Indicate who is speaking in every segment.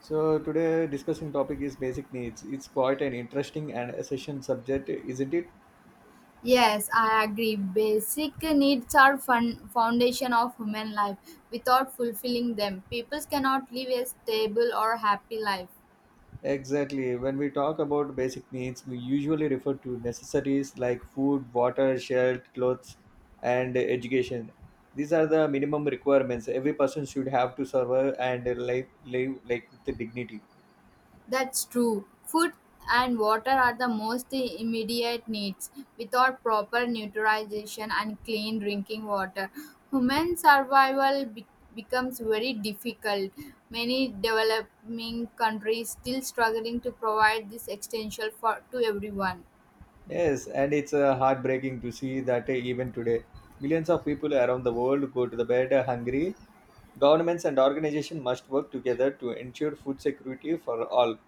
Speaker 1: So today discussing topic is basic needs. It's quite an interesting and essential subject, isn't it?
Speaker 2: Yes, I agree. Basic needs are foundation of human life. Without fulfilling them, people cannot live a stable or happy life.
Speaker 1: Exactly. When we talk about basic needs, we usually refer to necessities like food, water, shelter, clothes, and education. These are the minimum requirements every person should have to survive and live like with dignity.
Speaker 2: That's true. Food and water are the most immediate needs. Without proper nutrition and clean drinking water, human becomes very difficult. Many developing countries still struggling to provide this essential for to everyone.
Speaker 1: Yes, and it's heartbreaking to see that even today, millions of people around the world go to the bed hungry. Governments and organizations must work together to ensure food security for all.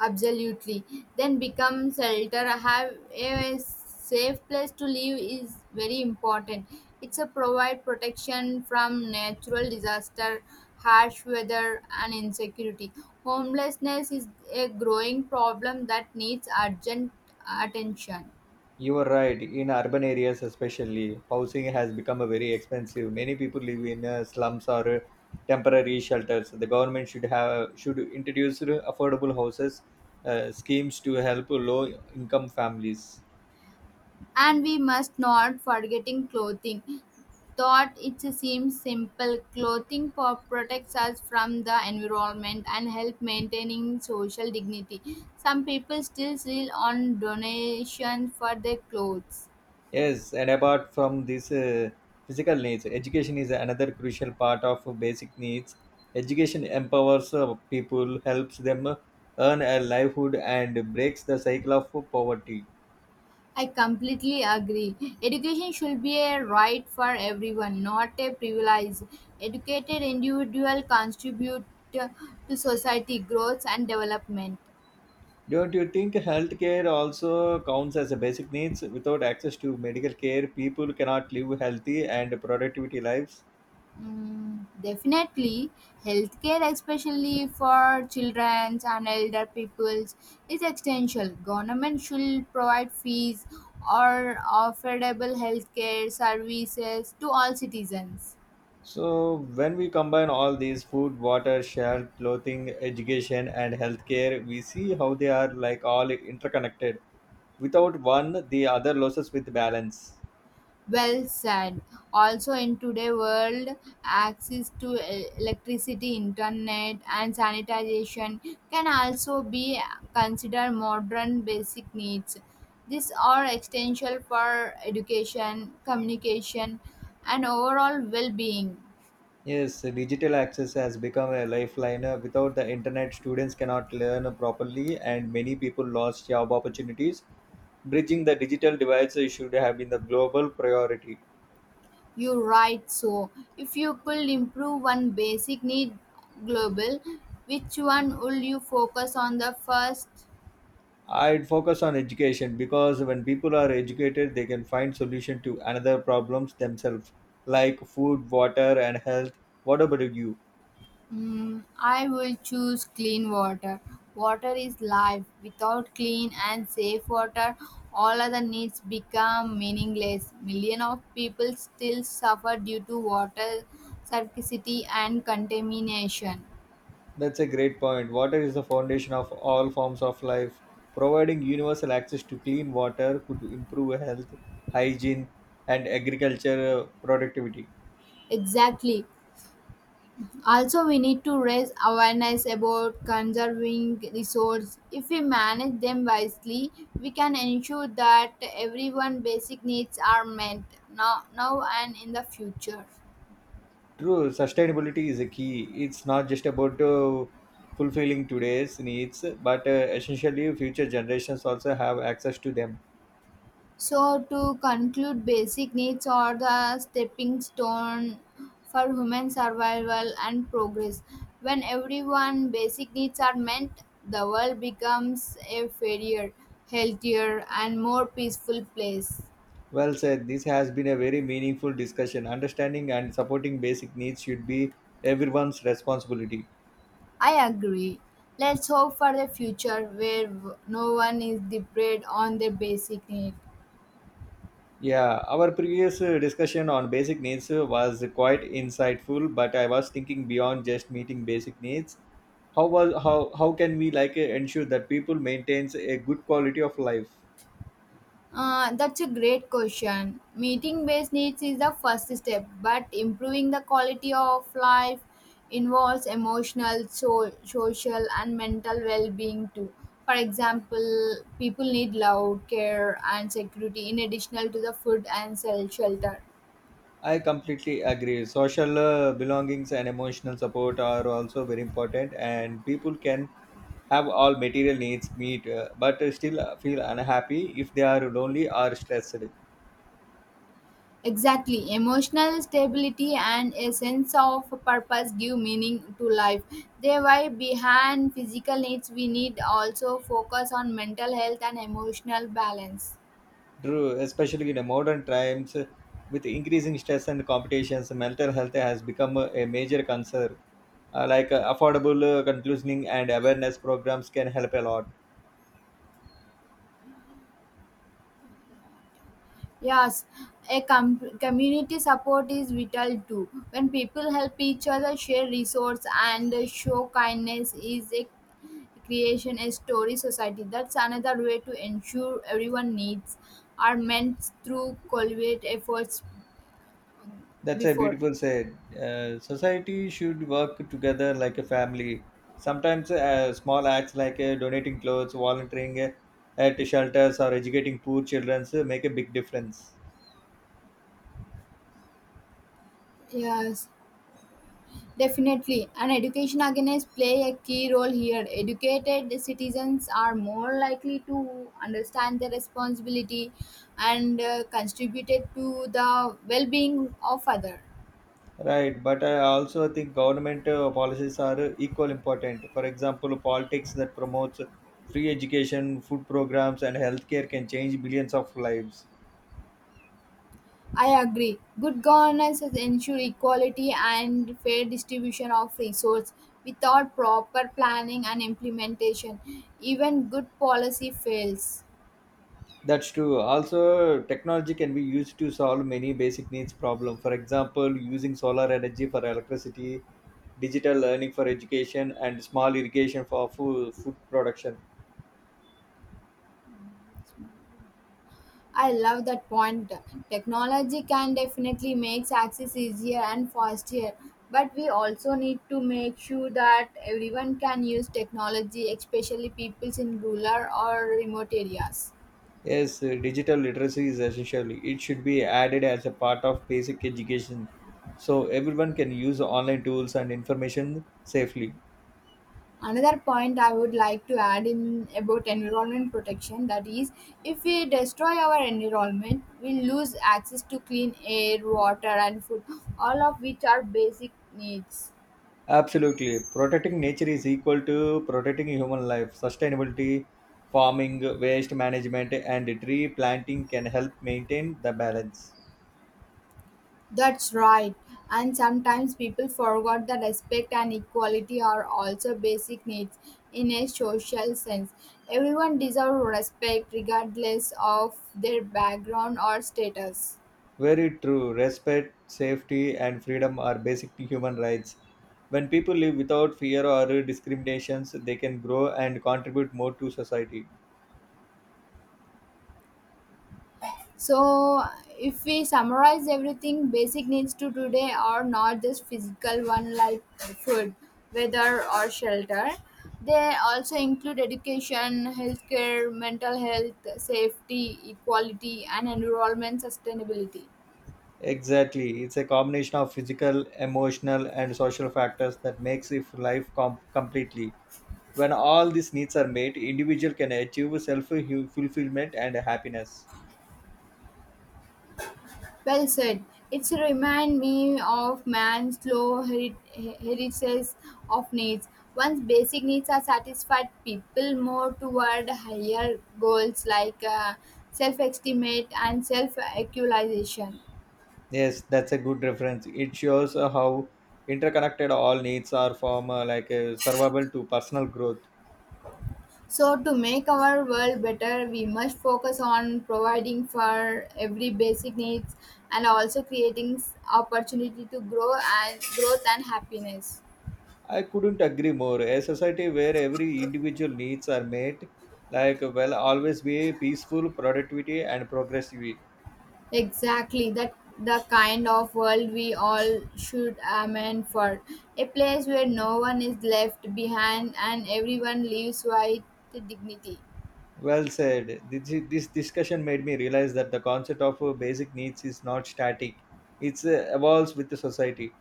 Speaker 2: Absolutely. Then become shelter. Have a safe place to live is very important. It's a provide protection from natural disaster, harsh weather, and insecurity. Homelessness is a growing problem that needs urgent attention.
Speaker 1: You are right. In urban areas, especially, housing has become a very expensive. Many people live in slums or temporary shelters. The government should introduce affordable houses schemes to help low-income families.
Speaker 2: And we must not forgetting clothing. Thought it seems simple clothing protects us from the environment and help maintaining social dignity. Some people still rely on donations for their clothes.
Speaker 1: Yes, and apart from this physical needs, education is another crucial part of basic needs. Education empowers people, helps them earn a livelihood, and breaks the cycle of poverty.
Speaker 2: I completely agree education should be a right for everyone, not a privilege. Educated individual contribute to society growth and development.
Speaker 1: Don't you think healthcare also counts as a basic needs? Without access to medical care, people cannot live healthy and productivity lives.
Speaker 2: Definitely, healthcare, especially for children and elder peoples, is essential. Government should provide fees or affordable healthcare services to all citizens.
Speaker 1: So when we combine all these food, water, shelter, clothing, education, and healthcare, we see how they are like all interconnected without one the other loses with balance.
Speaker 2: Well said. Also, in today's world, access to electricity, internet, and sanitization can also be considered modern basic needs. These are essential for education, communication, and overall well being.
Speaker 1: Yes, digital access has become a lifeline. Without the internet, students cannot learn properly, and many people lost job opportunities. Bridging the digital divide should have been the global priority.
Speaker 2: You're right. So, if you could improve one basic need global, which one will you focus on the first?
Speaker 1: I'd focus on education, because when people are educated they can find solution to another problems themselves, like food, water, and health. What about you?
Speaker 2: I will choose clean water. Water is life. Without clean and safe water, all other needs become meaningless. Millions of people still suffer due to water scarcity and contamination.
Speaker 1: That's a great point. Water is the foundation of all forms of life. Providing universal access to clean water could improve health, hygiene, and agriculture productivity.
Speaker 2: Exactly. Also, we need to raise awareness about conserving resources. If we manage them wisely, we can ensure that everyone basic needs are met now and in the future.
Speaker 1: True, sustainability is a key. It's not just about fulfilling today's needs, but essentially, future generations also have access to them.
Speaker 2: So, to conclude, basic needs are the stepping stone for human survival and progress. When everyone basic needs are met, the world becomes a fairer, healthier, and more peaceful place.
Speaker 1: Well said, this has been a very meaningful discussion. Understanding and supporting basic needs should be everyone's responsibility.
Speaker 2: I agree. Let's hope for the future where no one is deprived on their basic need.
Speaker 1: Yeah, our previous discussion on basic needs was quite insightful, but I was thinking beyond just meeting basic needs. How was how can we ensure that people maintains a good quality of life?
Speaker 2: That's a great question. Meeting based needs is the first step, but improving the quality of life involves emotional, social, and mental well being too. For example, people need love, care, and security in addition to the food and shelter.
Speaker 1: I completely agree. Social belongings and emotional support are also very important, and people can have all material needs meet, but still feel unhappy if they are lonely or stressed.
Speaker 2: Exactly. Emotional stability and a sense of purpose give meaning to life. They were behind physical needs. We need also focus on mental health and emotional balance.
Speaker 1: True, especially in the modern times, with increasing stress and competitions, mental health has become a major concern. Like affordable counseling and awareness programs can help a lot.
Speaker 2: Yes, a community support is vital too. When people help each other, share resource and show kindness is a creation, a story society. That's another way to ensure everyone needs are meant through collaborative efforts
Speaker 1: That's a
Speaker 2: before.
Speaker 1: beautiful said. Society should work together like a family. Sometimes small acts like donating clothes, volunteering at shelters, or educating poor children make a big difference.
Speaker 2: Yes, definitely. And education again is play a key role here. Educated citizens are more likely to understand their responsibility and contributed to the well-being of others.
Speaker 1: Right, but I also think government policies are equal important. For example, politics that promotes free education, food programs, and healthcare can change billions of lives.
Speaker 2: I agree. Good governance has ensure equality and fair distribution of resources. Without proper planning and implementation, even good policy fails.
Speaker 1: That's true. Also, technology can be used to solve many basic needs problem. For example, using solar energy for electricity, digital learning for education, and small irrigation for food production.
Speaker 2: I love that point. Technology can definitely make access easier and faster, but we also need to make sure that everyone can use technology, especially people in rural or remote areas.
Speaker 1: Yes, digital literacy is essential. It should be added as a part of basic education so everyone can use online tools and information safely.
Speaker 2: Another point I would like to add in about environment protection, that is, if we destroy our environment, we lose access to clean air, water, and food, all of which are basic needs.
Speaker 1: Absolutely. Protecting nature is equal to protecting human life. Sustainability, farming, waste management, and tree planting can help maintain the balance.
Speaker 2: That's right. And sometimes people forgot that respect and equality are also basic needs in a social sense. Everyone deserves respect regardless of their background or status.
Speaker 1: Very true. Respect, safety, and freedom are basic human rights. When people live without fear or discriminations, they can grow and contribute more to society.
Speaker 2: So, if we summarize everything basic needs to today are not just physical one like food, weather, or shelter. They also include education, healthcare, mental health, safety, equality, and environment sustainability.
Speaker 1: Exactly. It's a combination of physical, emotional, and social factors that makes if life com- completely. When all these needs are met, individual can achieve self-fulfillment and happiness.
Speaker 2: Well said. It's remind me of man's slow heritage of needs. Once basic needs are satisfied, people move toward higher goals like self-estimate and self-actualization.
Speaker 1: Yes, that's a good reference. It shows how interconnected all needs are from survival to personal growth.
Speaker 2: So, to make our world better, we must focus on providing for every basic needs and also creating opportunity to grow and growth and happiness.
Speaker 1: I couldn't agree more. A society where every individual needs are met, like will always be peaceful, productivity, and progressive.
Speaker 2: Exactly, that the kind of world we all should aim for. A place where no one is left behind and everyone lives with dignity.
Speaker 1: Well said. This discussion made me realize that the concept of basic needs is not static. It evolves with the society.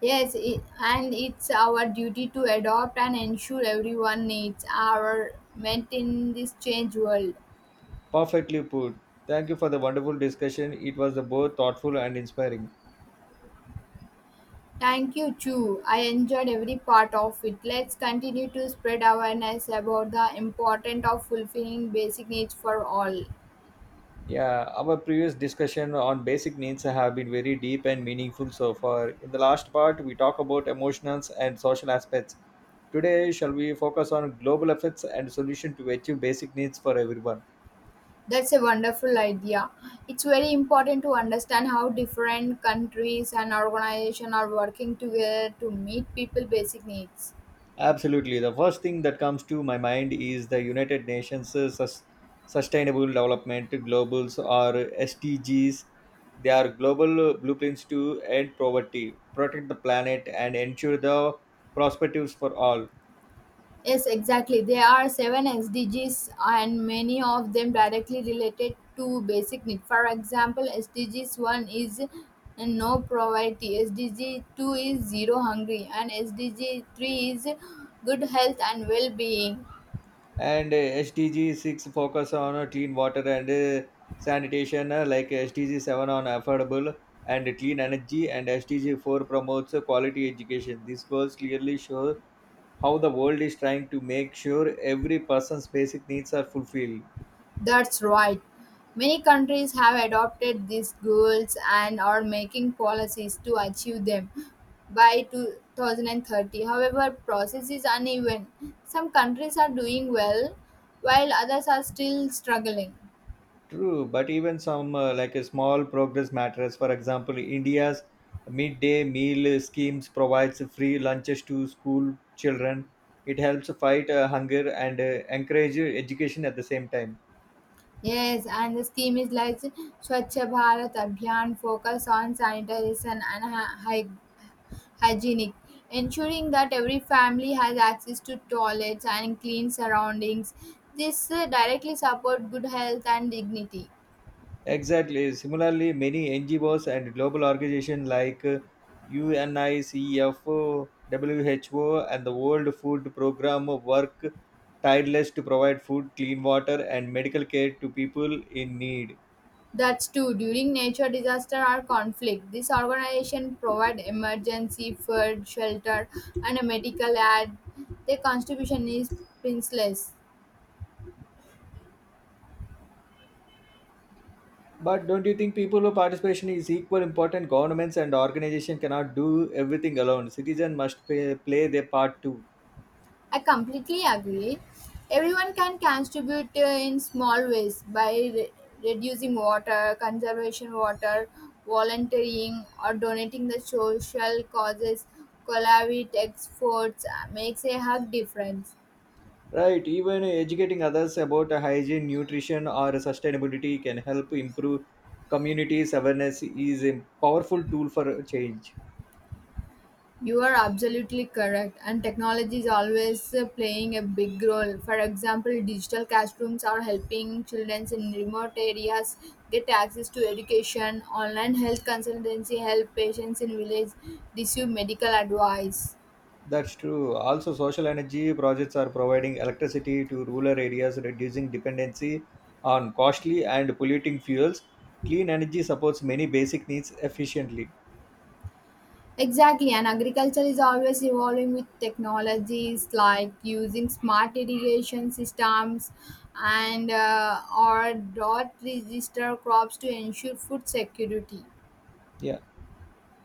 Speaker 2: Yes, it, and it's our duty to adopt and ensure everyone needs our meant in this change world.
Speaker 1: Perfectly put. Thank you for the wonderful discussion. It was both thoughtful and inspiring.
Speaker 2: Thank you, Chu. I enjoyed every part of it. Let's continue to spread awareness about the importance of fulfilling basic needs for all.
Speaker 1: Yeah, our previous discussion on basic needs have been very deep and meaningful so far. In the last part, we talk about emotions and social aspects. Today, shall we focus on global effects and solution to achieve basic needs for everyone?
Speaker 2: That's a wonderful idea. It's very important to understand how different countries and organizations are working together to meet people' basic needs.
Speaker 1: Absolutely. The first thing that comes to my mind is the United Nations Sustainable Development Globals, or SDGs. They are global blueprints to end poverty, protect the planet, and ensure the perspectives for all.
Speaker 2: Yes, exactly. There are seven SDGs, and many of them directly related to basic needs. For example, SDGs 1 is no poverty, SDG 2 is zero hungry, and SDG 3 is good health and well being.
Speaker 1: And SDG 6 focus on clean water and sanitation, like SDG 7 on affordable and clean energy, and SDG 4 promotes quality education. These goals clearly show how the world is trying to make sure every person's basic needs are fulfilled.
Speaker 2: That's right. Many countries have adopted these goals and are making policies to achieve them by 2030. However, process is uneven. Some countries are doing well while others are still struggling.
Speaker 1: True, but even some like a small progress matters. For example, india's midday meal schemes provides free lunches to school children. It helps fight hunger and encourage education at the same time.
Speaker 2: Yes, and the scheme is like Swachh Bharat Abhiyan focus on sanitation and hygienic, ensuring that every family has access to toilets and clean surroundings. This directly support good health and dignity.
Speaker 1: Exactly. Similarly, many NGOs and global organizations like UNICEF, WHO, and the World Food Program work tireless to provide food, clean water, and medical care to people in need.
Speaker 2: That's too during nature disaster or conflict. This organization provide emergency food, shelter, and medical aid. Their contribution is priceless.
Speaker 1: But don't you think people who participation is equal important? Governments and organizations cannot do everything alone. Citizens must play their part too.
Speaker 2: I completely agree. Everyone can contribute in small ways by reducing water, conservation water, volunteering, or donating the social causes. Collaborate efforts makes a hug difference.
Speaker 1: Right, even educating others about hygiene, nutrition, or sustainability can help improve communities' awareness is a powerful tool for change.
Speaker 2: You are absolutely correct, and technology is always playing a big role. For example, digital classrooms are helping children in remote areas get access to education. Online health consultancy help patients in village receive medical advice.
Speaker 1: That's true. Also, social energy projects are providing electricity to rural areas, reducing dependency on costly and polluting fuels. Clean energy supports many basic needs efficiently.
Speaker 2: Exactly, and agriculture is always evolving with technologies like using smart irrigation systems and or dot register crops to ensure food security.
Speaker 1: Yeah.